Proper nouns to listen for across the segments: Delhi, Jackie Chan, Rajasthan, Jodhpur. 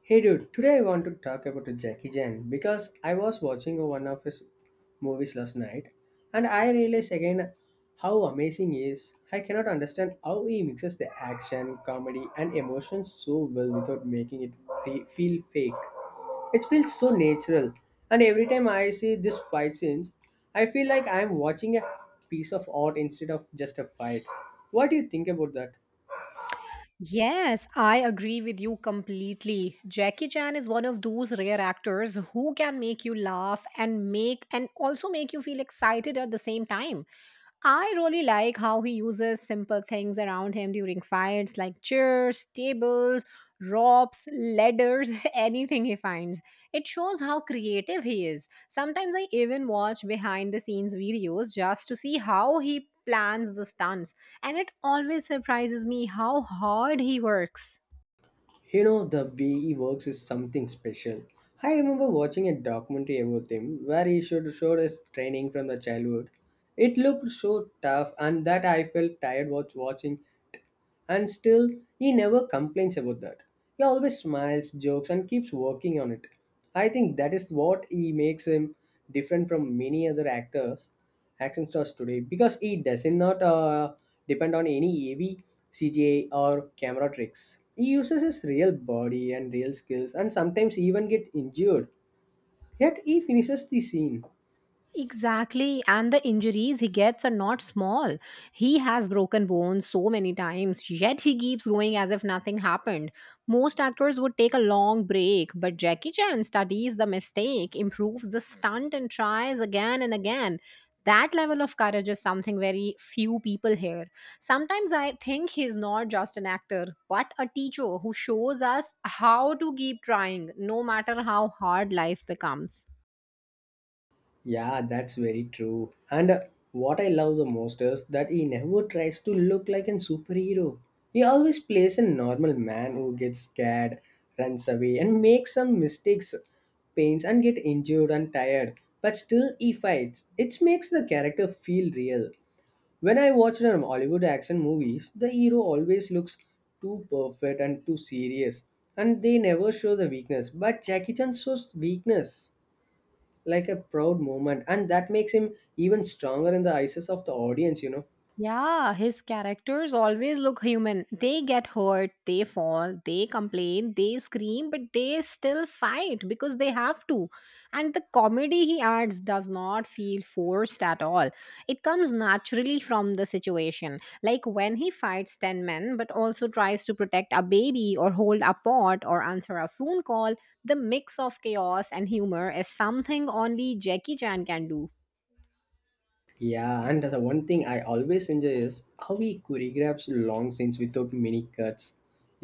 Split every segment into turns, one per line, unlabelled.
Hey dude, today I want to talk about Jackie Chan because I was watching one of his movies last night and I realized again how amazing he is. I cannot understand how he mixes the action, comedy, and emotions so well without making it feel fake. It feels so natural, and every time I see this fight scenes, I feel like I'm watching a piece of art instead of just a fight. What do you think about that?
Yes, I agree with you completely. Jackie Chan is one of those rare actors who can make you laugh and make and also make you feel excited at the same time. I really like how he uses simple things around him during fights like chairs, tables, ropes, ladders, anything he finds. It shows how creative he is. Sometimes I even watch behind the scenes videos just to see how he plans the stunts and it always surprises me how hard he works.
You know, the way he works is something special. I remember watching a documentary about him where he showed his training from the childhood. It looked so tough, and that I felt tired watching. And still, he never complains about that. He always smiles, jokes, and keeps working on it. I think that is what he makes him different from many other actors, action stars today, because he does not depend on any AV, or camera tricks. He uses his real body and real skills, and sometimes even get injured. Yet he finishes the scene.
Exactly, and the injuries he gets are not small. He has broken bones so many times, yet he keeps going as if nothing happened. Most actors would take a long break, but Jackie Chan studies the mistake, improves the stunt, and tries again and again. That level of courage is something very few people here. Sometimes I think he's not just an actor, but a teacher who shows us how to keep trying, no matter how hard life becomes.
Yeah, that's very true. And what I love the most is that he never tries to look like a superhero. He always plays a normal man who gets scared, runs away, and makes some mistakes, pains, and get injured and tired. But still, he fights. It makes the character feel real. When I watch the Hollywood action movies, the hero always looks too perfect and too serious, and they never show the weakness. But Jackie Chan shows weakness like a proud moment, and that makes him even stronger in the eyes of the audience.
Yeah, his characters always look human. They get hurt, they fall, they complain, they scream, but they still fight because they have to. And the comedy he adds does not feel forced at all. It comes naturally from the situation. Like when he fights 10 men but also tries to protect a baby or hold a fort or answer a phone call, the mix of chaos and humor is something only Jackie Chan can do.
Yeah, and the one thing I always enjoy is how he choreographs long scenes without many cuts.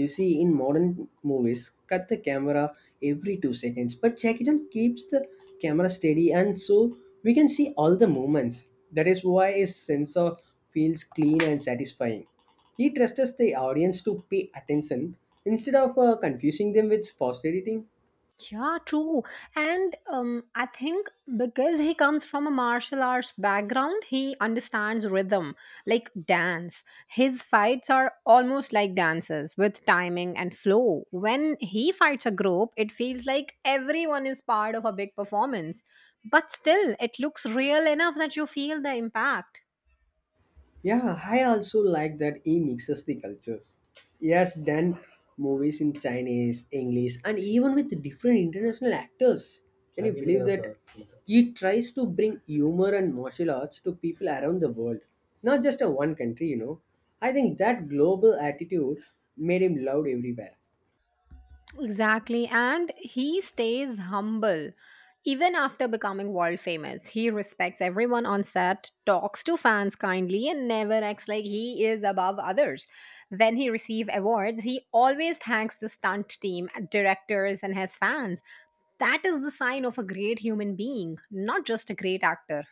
You see in modern movies cut the camera every 2 seconds, but Jackie Chan keeps the camera steady, and so we can see all the movements. That is why his sensor feels clean and satisfying. He trusts the audience to pay attention instead of confusing them with fast editing.
Yeah, true. And I think because he comes from a martial arts background, he understands rhythm, like dance. His fights are almost like dances with timing and flow. When he fights a group, it feels like everyone is part of a big performance, but still, it looks real enough that you feel the impact.
Yeah, I also like that he mixes the cultures. He has done movies in Chinese, English, and even with different international actors. Can you believe that he tries to bring humor and martial arts to people around the world, not just a one country, you know? I think that global attitude made him loved everywhere.
Exactly. And he stays humble. Even after becoming world famous, he respects everyone on set, talks to fans kindly, and never acts like he is above others. When he receives awards, he always thanks the stunt team, directors, and his fans. That is the sign of a great human being, not just a great actor.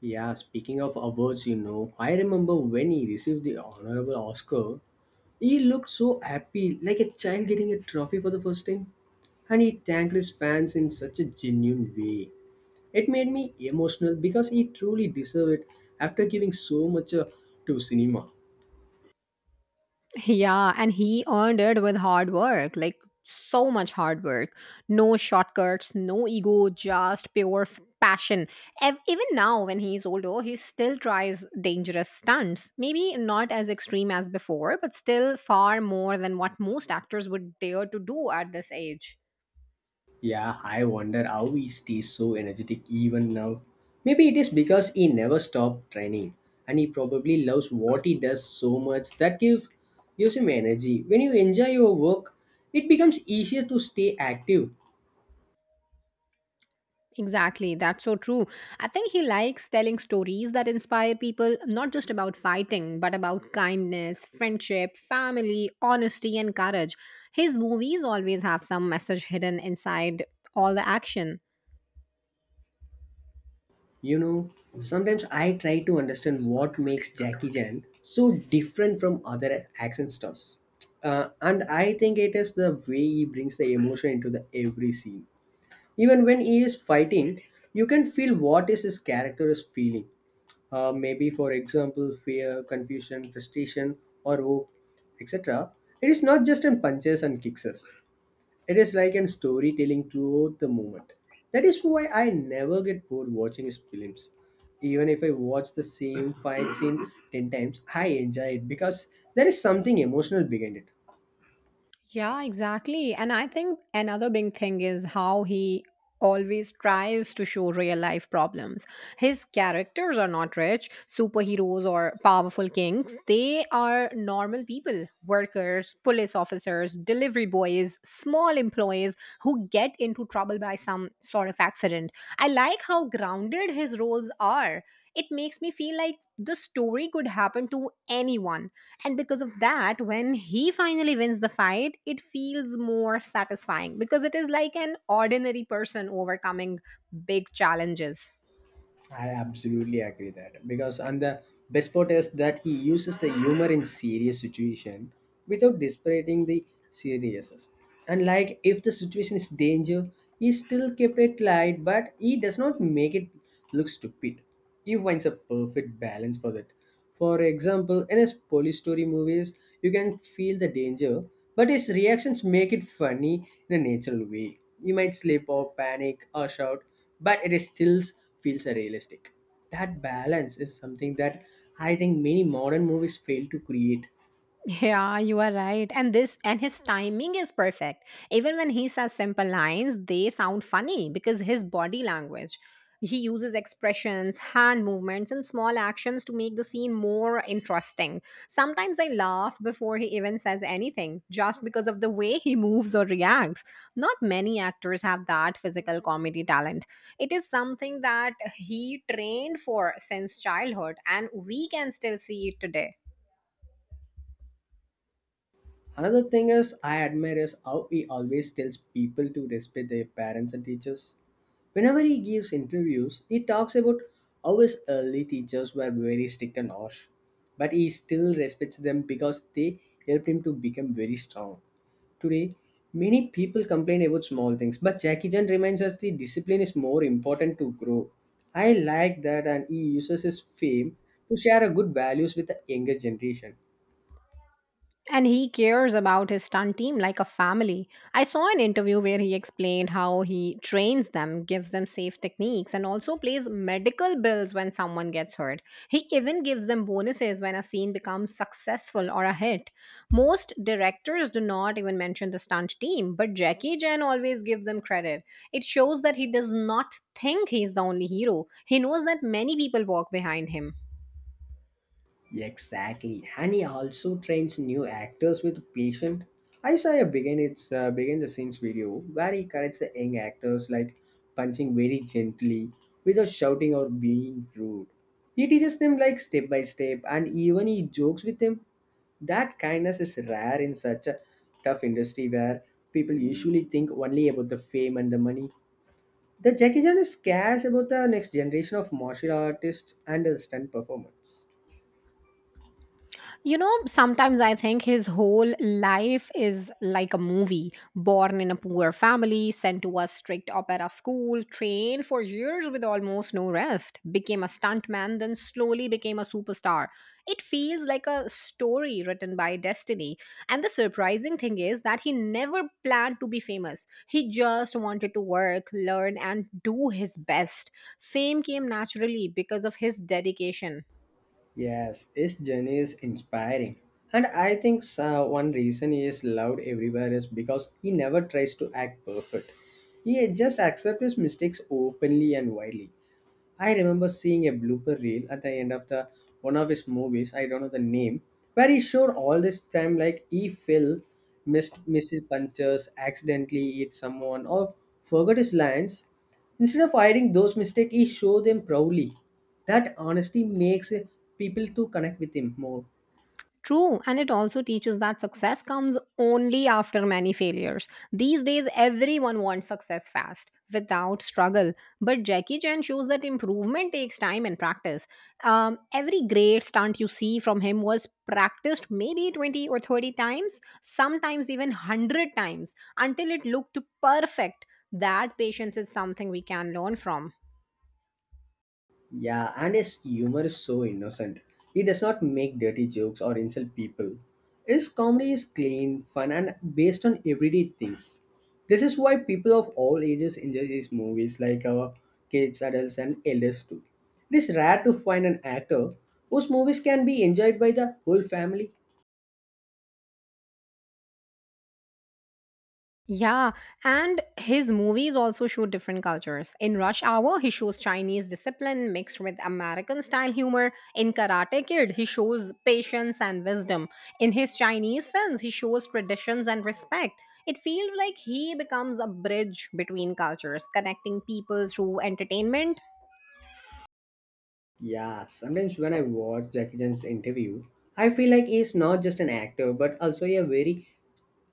Yeah, speaking of awards, you know, I remember when he received the honorable Oscar, he looked so happy, like a child getting a trophy for the first time. And he thanked his fans in such a genuine way. It made me emotional because he truly deserved it after giving so much to cinema.
Yeah, and he earned it with hard work, like so much hard work. No shortcuts, no ego, just pure passion. Even now, when he's older, he still tries dangerous stunts. Maybe not as extreme as before, but still far more than what most actors would dare to do at this age.
Yeah, I wonder how he stays so energetic even now. Maybe it is because he never stopped training and he probably loves what he does so much that gives him energy. When you enjoy your work, it becomes easier to stay active.
Exactly, that's so true. I think he likes telling stories that inspire people, not just about fighting, but about kindness, friendship, family, honesty, and courage. His movies always have some message hidden inside all the action.
You know, sometimes I try to understand what makes Jackie Chan so different from other action stars. And I think it is the way he brings the emotion into the every scene. Even when he is fighting, you can feel what is his character is feeling. Maybe for example, fear, confusion, frustration, or hope, etc. It is not just in punches and kicks. It is like a storytelling throughout the moment. That is why I never get bored watching his films. Even if I watch the same fight scene 10 times, I enjoy it because there is something emotional behind it.
Yeah, exactly. And I think another big thing is how he always tries to show real life problems. His characters are not rich, superheroes, or powerful kings. They are normal people workers, police officers, delivery boys, small employees who get into trouble by some sort of accident. I like how grounded his roles are. It makes me feel like the story could happen to anyone, and because of that, when he finally wins the fight, it feels more satisfying because it is like an ordinary person overcoming big challenges.
I absolutely agree that, because and the best part is that he uses the humor in serious situation without disparaging the seriousness. And like if the situation is danger, he still kept it light, but he does not make it look stupid. He finds a perfect balance for that. For example, in his police story movies, you can feel the danger, but his reactions make it funny in a natural way. You might slip or panic or shout, but it is still feels realistic. That balance is something that I think many modern movies fail to create.
Yeah, you are right. And this and his timing is perfect. Even when he says simple lines, they sound funny because his body language. He uses expressions, hand movements, and small actions to make the scene more interesting. Sometimes I laugh before he even says anything, just because of the way he moves or reacts. Not many actors have that physical comedy talent. It is something that he trained for since childhood, and we can still see it today.
Another thing is I admire is how he always tells people to respect their parents and teachers. Whenever he gives interviews, he talks about how his early teachers were very strict and harsh, but he still respects them because they helped him to become very strong. Today, many people complain about small things, but Jackie Chan reminds us the discipline is more important to grow. I like that, and he uses his fame to share a good values with the younger generation.
And he cares about his stunt team like a family. I saw an interview where he explained how he trains them, gives them safe techniques, and also pays medical bills when someone gets hurt. He even gives them bonuses when a scene becomes successful or a hit. Most directors do not even mention the stunt team, but Jackie Chan always gives them credit. It shows that he does not think he's the only hero, he knows that many people walk behind him.
Exactly, and he also trains new actors with patience. I saw a begin its behind the scenes video where he corrects the young actors like punching very gently without shouting or being rude. He teaches them like step by step, and even he jokes with them. That kindness is rare in such a tough industry where people usually think only about the fame and the money. The Jackie Chan is scarce about the next generation of martial artists and the stunt performance.
You know, sometimes I think his whole life is like a movie born in a poor family, sent to a strict opera school, trained for years with almost no rest, became a stuntman, then slowly became a superstar. It feels like a story written by destiny and the surprising thing is that he never planned to be famous. He just wanted to work, learn, and do his best. Fame came naturally because of his dedication.
Yes, his journey is inspiring. And I think so, one reason he is loved everywhere is because he never tries to act perfect. He just accepts his mistakes openly and widely. I remember seeing a blooper reel at the end of the one of his movies, I don't know the name, where he showed all this time like he fell, missed misses punches, accidentally hit someone, or forgot his lines. Instead of hiding those mistakes, he showed them proudly. That honesty makes people to connect with him more.
True, and it also teaches that success comes only after many failures. These days, everyone wants success fast, without struggle. But Jackie Chan shows that improvement takes time and practice. Every great stunt you see from him was practiced maybe 20 or 30 times, sometimes even 100 times, until it looked perfect. That patience is something we can learn from.
Yeah, and his humor is so innocent. He does not make dirty jokes or insult people. His comedy is clean, fun, and based on everyday things. This is why people of all ages enjoy his movies, like our kids, adults, and elders too. It is rare to find an actor whose movies can be enjoyed by the whole family.
Yeah, and his movies also show different cultures. In Rush Hour, he shows Chinese discipline mixed with American style humor. In Karate Kid, he shows patience and wisdom. In his Chinese films, he shows traditions and respect. It feels like he becomes a bridge between cultures, connecting people through entertainment.
Yeah, sometimes when I watch Jackie Chan's interview, I feel like he is not just an actor but also a very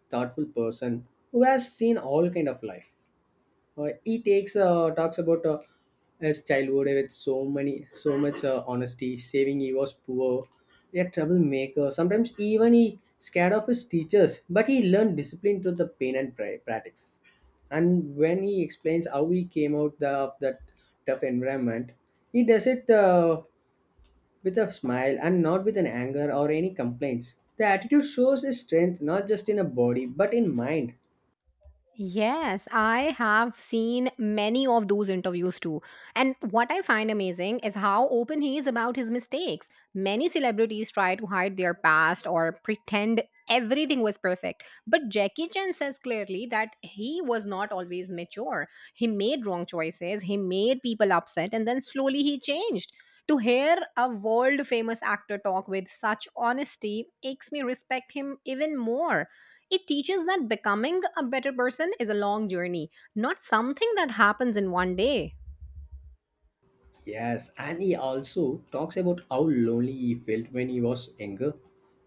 thoughtful person who has seen all kind of life. He takes talks about his childhood with so much honesty, saving he was poor, a troublemaker. Sometimes even he scared of his teachers, but he learned discipline through the pain and practice. And when he explains how he came out of that tough environment, he does it with a smile and not with an anger or any complaints. The attitude shows his strength not just in a body but in mind.
Yes, I have seen many of those interviews too. And what I find amazing is how open he is about his mistakes. Many celebrities try to hide their past or pretend everything was perfect. But Jackie Chan says clearly that he was not always mature. He made wrong choices, he made people upset, and then slowly he changed. To hear a world famous actor talk with such honesty makes me respect him even more. It teaches that becoming a better person is a long journey, not something that happens in one day.
Yes, and he also talks about how lonely he felt when he was younger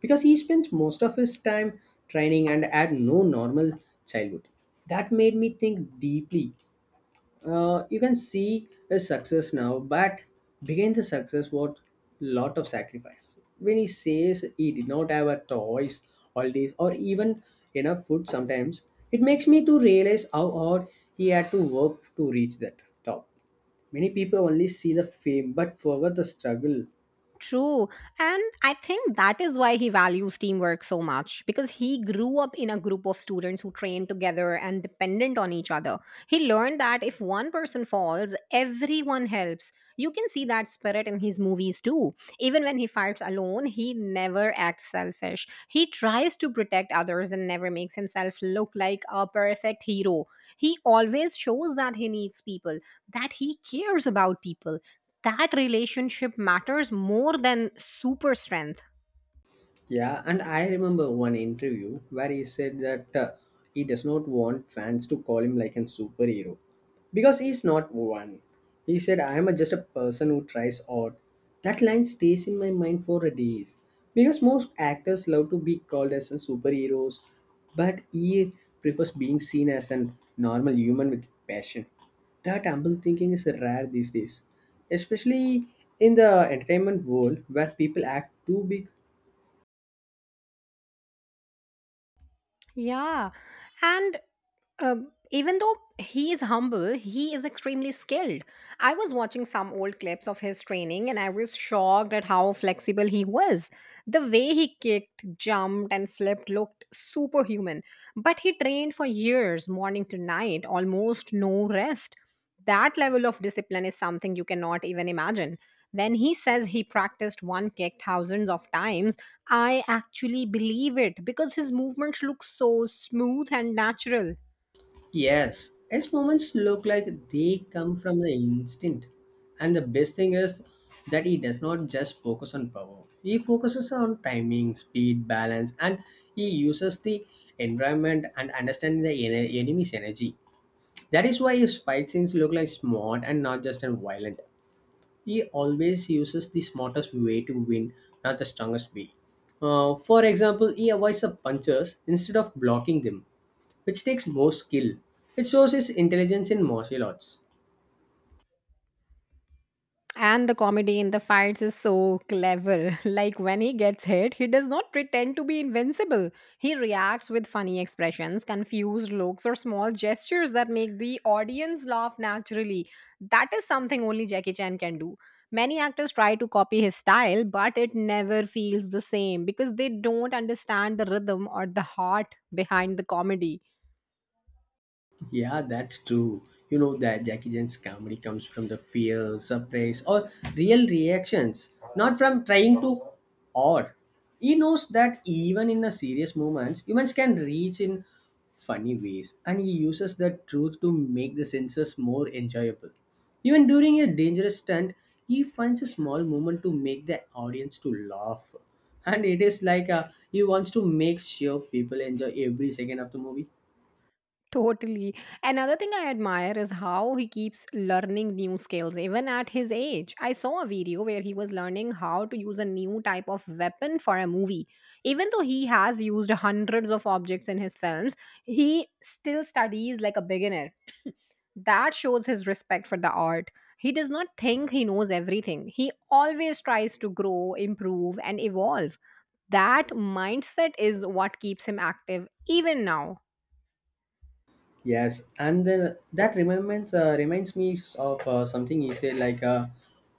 because he spent most of his time training and had no normal childhood. That made me think deeply. You can see his success now, but behind the success was lot of sacrifice. When he says he did not have a toys all days or even enough food sometimes, it makes me to realize how hard he had to work to reach that top. Many people only see the fame but forget the struggle.
True. And I think that is why he values teamwork so much because he grew up in a group of students who trained together and dependent on each other. He learned that if one person falls, everyone helps. You can see that spirit in his movies too. Even when he fights alone, he never acts selfish. He tries to protect others and never makes himself look like a perfect hero. He always shows that he needs people, that he cares about people, that relationship matters more than super strength.
Yeah, and I remember one interview where he said that he does not want fans to call him like a superhero because he's not one. He said, I am just a person who tries odd. That line stays in my mind for a days because most actors love to be called as a superheroes, but he prefers being seen as a normal human with passion. That humble thinking is rare these days, especially in the entertainment world where people act too big.
Yeah. And even though he is humble, he is extremely skilled. I was watching some old clips of his training and I was shocked at how flexible he was. The way he kicked, jumped, and flipped looked superhuman. But he trained for years, morning to night, almost no rest. That level of discipline is something you cannot even imagine. When he says he practiced one kick thousands of times, I actually believe it because his movements look so smooth and natural.
Yes, these moments look like they come from the instinct. And the best thing is that he does not just focus on power. He focuses on timing, speed, balance, and he uses the environment and understanding the enemy's energy. That is why his fight scenes look like smart and not just and violent. He always uses the smartest way to win, not the strongest way. For example, he avoids the punches instead of blocking them which takes more skill. It shows his intelligence in martial arts.
And the comedy in the fights is so clever. Like when he gets hit, he does not pretend to be invincible. He reacts with funny expressions, confused looks, or small gestures that make the audience laugh naturally. That is something only Jackie Chan can do. Many actors try to copy his style, but it never feels the same because they don't understand the rhythm or the heart behind the comedy.
Yeah, that's true. You know that Jackie Chan's comedy comes from the fear, surprise, or real reactions, not from trying to or. He knows that even in a serious moments, humans can reach in funny ways, and he uses the truth to make the senses more enjoyable. Even during a dangerous stunt, he finds a small moment to make the audience to laugh, and it is like he wants to make sure people enjoy every second of the movie.
Totally. Another thing I admire is how he keeps learning new skills, even at his age. I saw a video where he was learning how to use a new type of weapon for a movie. Even though he has used hundreds of objects in his films, he still studies like a beginner. That shows his respect for the art. He does not think he knows everything, he always tries to grow, improve, and evolve. That mindset is what keeps him active even now.
Yes, and then that reminds me of something he said like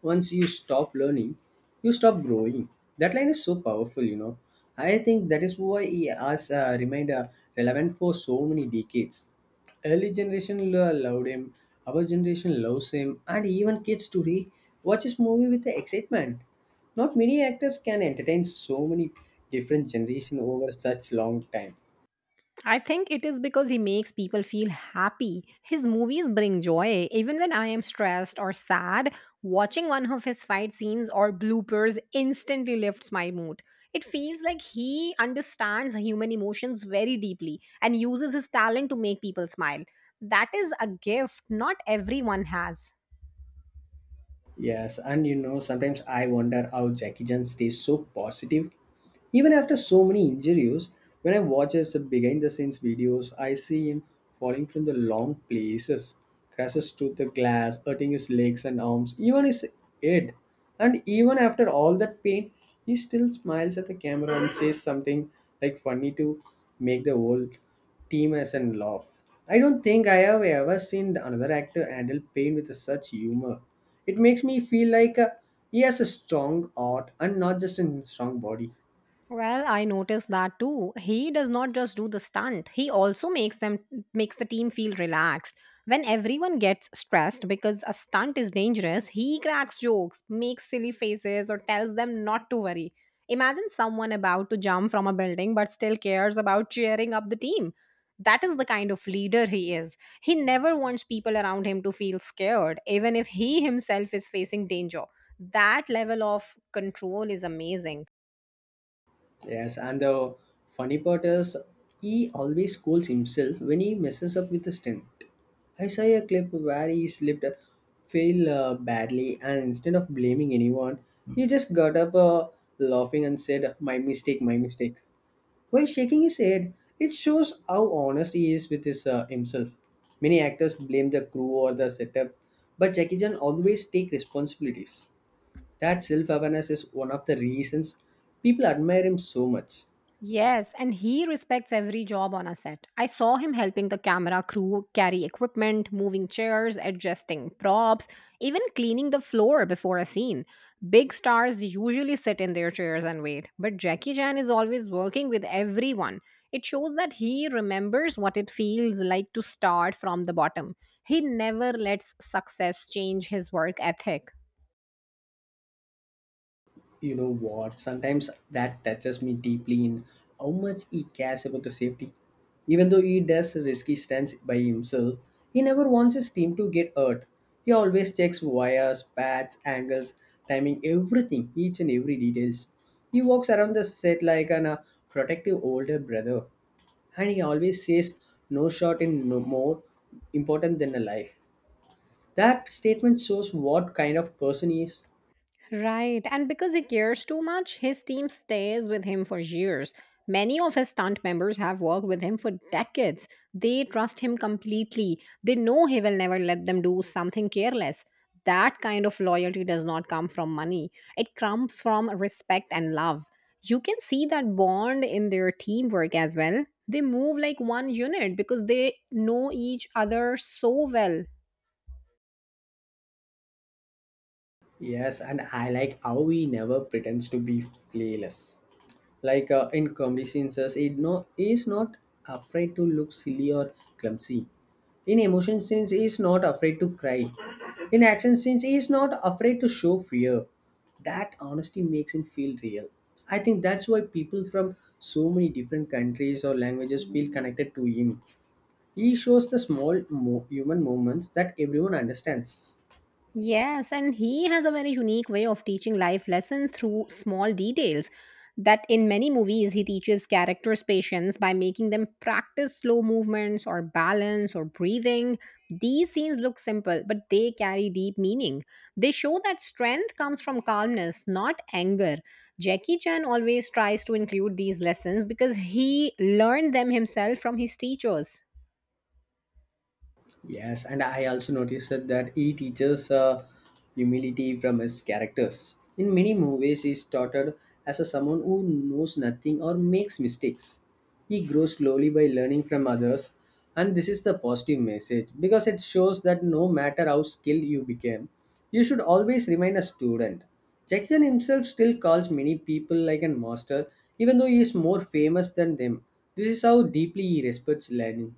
once you stop learning, you stop growing. That line is so powerful, you know. I think that is why he has remained relevant for so many decades. Early loved him, our generation loves him, and even kids today watch his movie with excitement. Not many actors can entertain so many different generation over such long time.
I think it is because he makes people feel happy. His movies bring joy. Even when I am stressed or sad, watching one of his fight scenes or bloopers instantly lifts my mood. It feels like he understands human emotions very deeply and uses his talent to make people smile. That is a gift not everyone has.
Yes, and you know, sometimes I wonder how Jackie Chan stays so positive even after so many injuries. When I watch his behind the scenes videos, I see him falling from the long places, crashes to the glass, hurting his legs and arms, even his head. And even after all that pain, he still smiles at the camera and says something like funny to make the whole team as and laugh. I don't think I have ever seen another actor handle pain with such humor. It makes me feel like he has a strong heart and not just a strong body.
Well, I noticed that too. He does not just do the stunt, he also makes the team feel relaxed. When everyone gets stressed because a stunt is dangerous, he cracks jokes, makes silly faces or tells them not to worry. Imagine someone about to jump from a building but still cares about cheering up the team. That is the kind of leader he is. He never wants people around him to feel scared, even if he himself is facing danger. That level of control is amazing.
Yes, and the funny part is he always scolds himself when he messes up with the stunt. I saw a clip where he slipped, failed badly, and instead of blaming anyone, he just got up laughing and said, "My mistake, my mistake." While shaking his head, it shows how honest he is with his himself. Many actors blame the crew or the setup, but Jackie Chan always take responsibilities. That self-awareness is one of the reasons people admire him so much.
Yes, and he respects every job on a set. I saw him helping the camera crew carry equipment, moving chairs, adjusting props, even cleaning the floor before a scene. Big stars usually sit in their chairs and wait, but Jackie Chan is always working with everyone. It shows that he remembers what it feels like to start from the bottom. He never lets success change his work ethic.
You know what, sometimes that touches me deeply in how much he cares about the safety, even though he does risky stunts by himself. He never wants his team to get hurt. He always checks wires, pads, angles, timing, everything, each and every details. He walks around the set like an protective older brother, and he always says no shot is no more important than a life. That statement shows what kind of person he is.
Right, and because he cares too much, his team stays with him for years. Many of his stunt members have worked with him for decades. They trust him completely. They know he will never let them do something careless. That kind of loyalty does not come from money, it comes from respect and love. You can see that bond in their teamwork as well. They move like one unit because they know each other so well.
Yes, and I like how he never pretends to be playless. Like in comedy scenes, he no is not afraid to look silly or clumsy. In emotion scenes, he is not afraid to cry. In action scenes, he is not afraid to show fear. That honesty makes him feel real. I think that's why people from so many different countries or languages feel connected to him. He shows the human moments that everyone understands.
Yes, and he has a very unique way of teaching life lessons through small details. That in many movies, he teaches characters patience by making them practice slow movements or balance or breathing. These scenes look simple, but they carry deep meaning. They show that strength comes from calmness, not anger. Jackie Chan always tries to include these lessons because he learned them himself from his teachers.
Yes, and I also noticed that he teaches humility from his characters. In many movies, he's touted as a someone who knows nothing or makes mistakes. He grows slowly by learning from others, and this is the positive message because it shows that no matter how skilled you became, you should always remain a student. Jackson himself still calls many people like a master, even though he is more famous than them. This is how deeply he respects learning.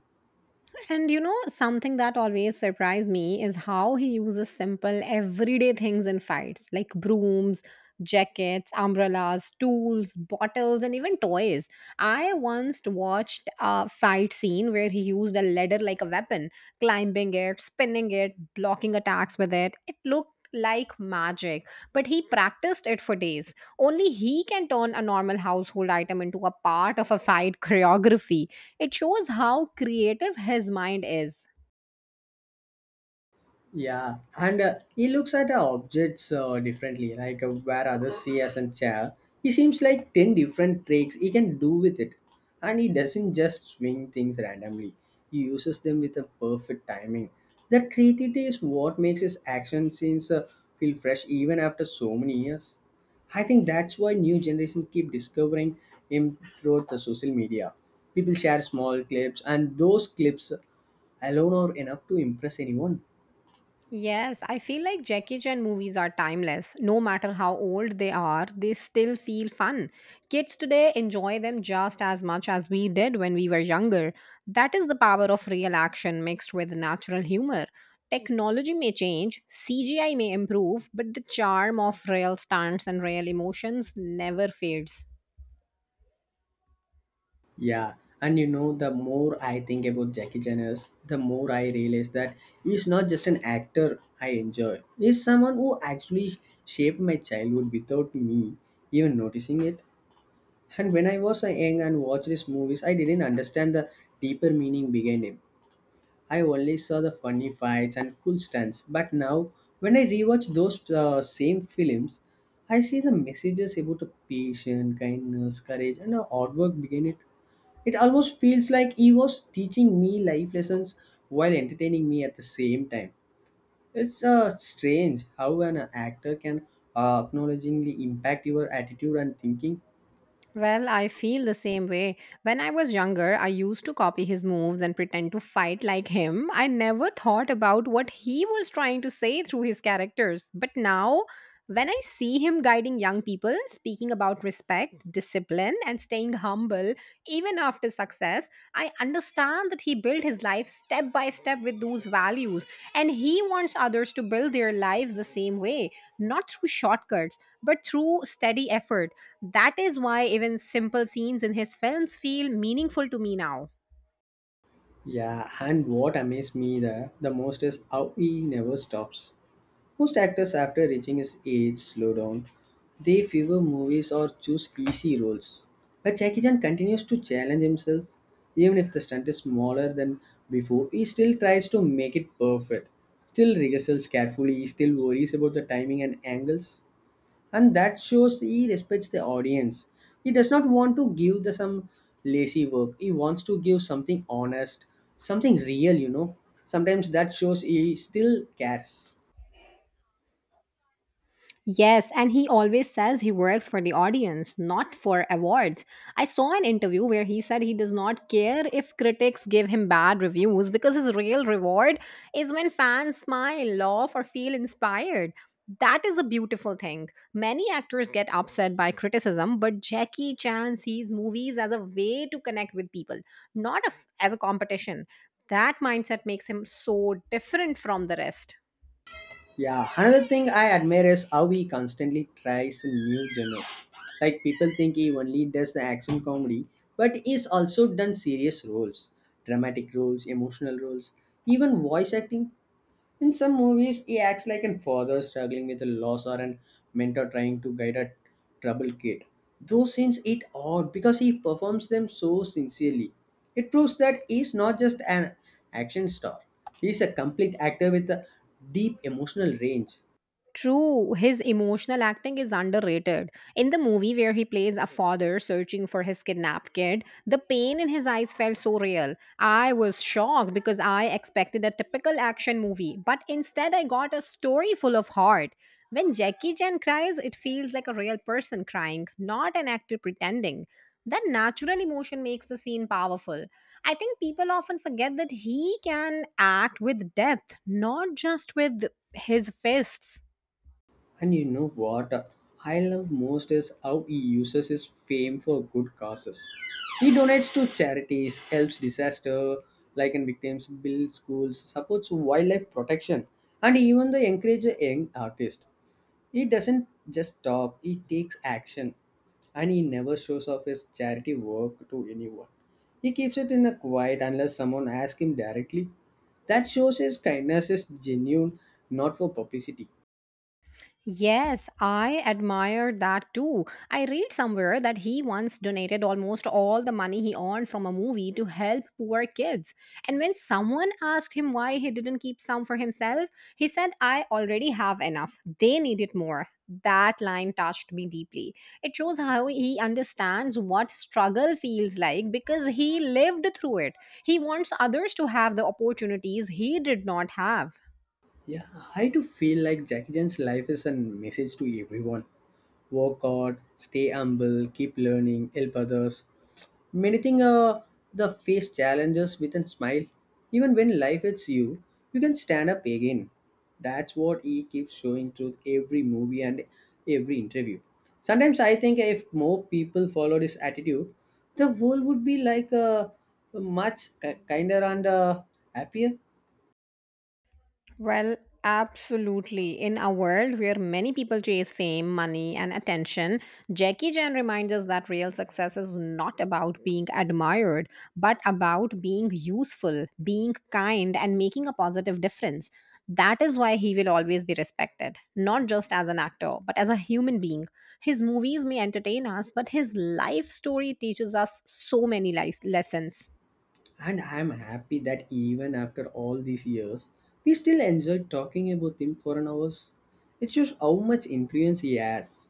And you know, something that always surprised me is how he uses simple everyday things in fights like brooms, jackets, umbrellas, tools, bottles, and even toys. I once watched a fight scene where he used a ladder like a weapon, climbing it, spinning it, blocking attacks with it. It looked like magic, but he practiced it for days. Only he can turn a normal household item into a part of a fight choreography, it shows how creative his mind is.
Yeah, and he looks at objects differently, like where others see as a chair. He seems like 10 different tricks he can do with it. And he doesn't just swing things randomly, he uses them with a perfect timing. That creativity is what makes his action scenes feel fresh even after so many years. I think that's why new generation keep discovering him through the social media. People share small clips, and those clips alone are enough to impress anyone.
Yes, I feel like Jackie Chan movies are timeless. No matter how old they are, they still feel fun. Kids today enjoy them just as much as we did when we were younger. That is the power of real action mixed with natural humor. Technology may change, CGI may improve, but the charm of real stunts and real emotions never fades.
Yeah, and you know, the more I think about Jackie Chan is, the more I realize that he's not just an actor I enjoy. He's someone who actually shaped my childhood without me even noticing it. And when I was a young and watched his movies, I didn't understand the deeper meaning behind him. I only saw the funny fights and cool stunts. But now, when I rewatch those same films, I see the messages about the patience, kindness, courage, and the hard work behind it. It almost feels like he was teaching me life lessons while entertaining me at the same time. It's strange how an actor can acknowledgingly impact your attitude and thinking.
Well, I feel the same way. When I was younger, I used to copy his moves and pretend to fight like him. I never thought about what he was trying to say through his characters. But now when I see him guiding young people, speaking about respect, discipline, and staying humble even after success, I understand that he built his life step by step with those values. And he wants others to build their lives the same way, not through shortcuts, but through steady effort. That is why even simple scenes in his films feel meaningful to me now.
Yeah, and what amazed me the most is how he never stops. Most actors, after reaching his age, slow down. They favor movies or choose easy roles. But Jackie Chan continues to challenge himself. Even if the stunt is smaller than before, he still tries to make it perfect. Still rehearsals carefully, he still worries about the timing and angles. And that shows he respects the audience. He does not want to give the some lazy work. He wants to give something honest, something real, you know. Sometimes that shows he still cares.
Yes, and he always says he works for the audience, not for awards. I saw an interview where he said he does not care if critics give him bad reviews because his real reward is when fans smile, laugh, or feel inspired. That is a beautiful thing. Many actors get upset by criticism, but Jackie Chan sees movies as a way to connect with people, not as, as a competition. That mindset makes him so different from the rest.
Yeah, another thing I admire is how he constantly tries new genres. Like people think he only does the action comedy, but he's also done serious roles, dramatic roles, emotional roles, even voice acting. In some movies, he acts like a father struggling with a loss or a mentor trying to guide a troubled kid. Those scenes hit odd because he performs them so sincerely. It proves that he's not just an action star, he's a complete actor with a deep emotional range.
True, his emotional acting is underrated. In the movie where he plays a father searching for his kidnapped kid, the pain in his eyes felt so real. I was shocked because I expected a typical action movie, but instead I got a story full of heart. When Jackie Chan cries, it feels like a real person crying, not an actor pretending. That natural emotion makes the scene powerful. I think people often forget that he can act with depth, not just with his fists.
And you know what I love most is how he uses his fame for good causes. He donates to charities, helps disaster stricken victims, builds schools, supports wildlife protection, and even the encourage a young artist. He doesn't just talk; he takes action, and he never shows off his charity work to anyone. He keeps it in a quiet unless someone asks him directly. That shows his kindness is genuine, not for publicity.
Yes, I admire that too. I read somewhere that he once donated almost all the money he earned from a movie to help poor kids. And when someone asked him why he didn't keep some for himself, he said, I already have enough. They needed more. That line touched me deeply. It shows how he understands what struggle feels like because he lived through it. He wants others to have the opportunities he did not have.
Yeah, I do feel like Jackie Chan's life is a message to everyone. Work hard, stay humble, keep learning, help others. Many things the face challenges with a smile. Even when life hits you, you can stand up again. That's what he keeps showing through every movie and every interview. Sometimes I think if more people followed his attitude, the world would be like a much kinder and happier.
Well, absolutely. In a world where many people chase fame, money, and attention, Jackie Chan reminds us that real success is not about being admired, but about being useful, being kind, and making a positive difference. That is why he will always be respected, not just as an actor, but as a human being. His movies may entertain us, but his life story teaches us so many lessons.
And I'm happy that even after all these years, we still enjoy talking about him for an hour. It shows how much influence he has.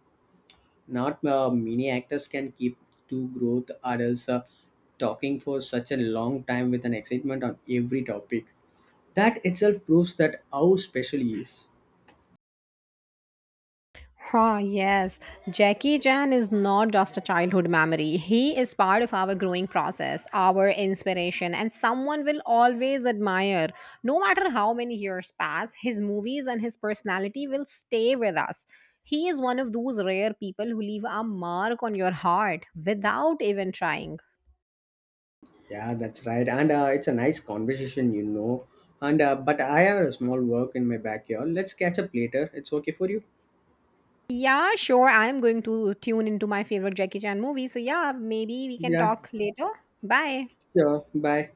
Not many actors can keep two growth adults talking for such a long time with an excitement on every topic. That itself proves that how special he is.
Huh, yes, Jackie Chan is not just a childhood memory. He is part of our growing process, our inspiration, and someone will always admire. No matter how many years pass, his movies and his personality will stay with us. He is one of those rare people who leave a mark on your heart without even trying.
Yeah, that's right. And it's a nice conversation, you know. And but I have a small work in my backyard. Let's catch up later. It's okay for you?
Yeah, sure, I'm going to tune into my favorite Jackie Chan movie. So, yeah, maybe we can
Yeah,
talk later. Bye.
sure. Bye.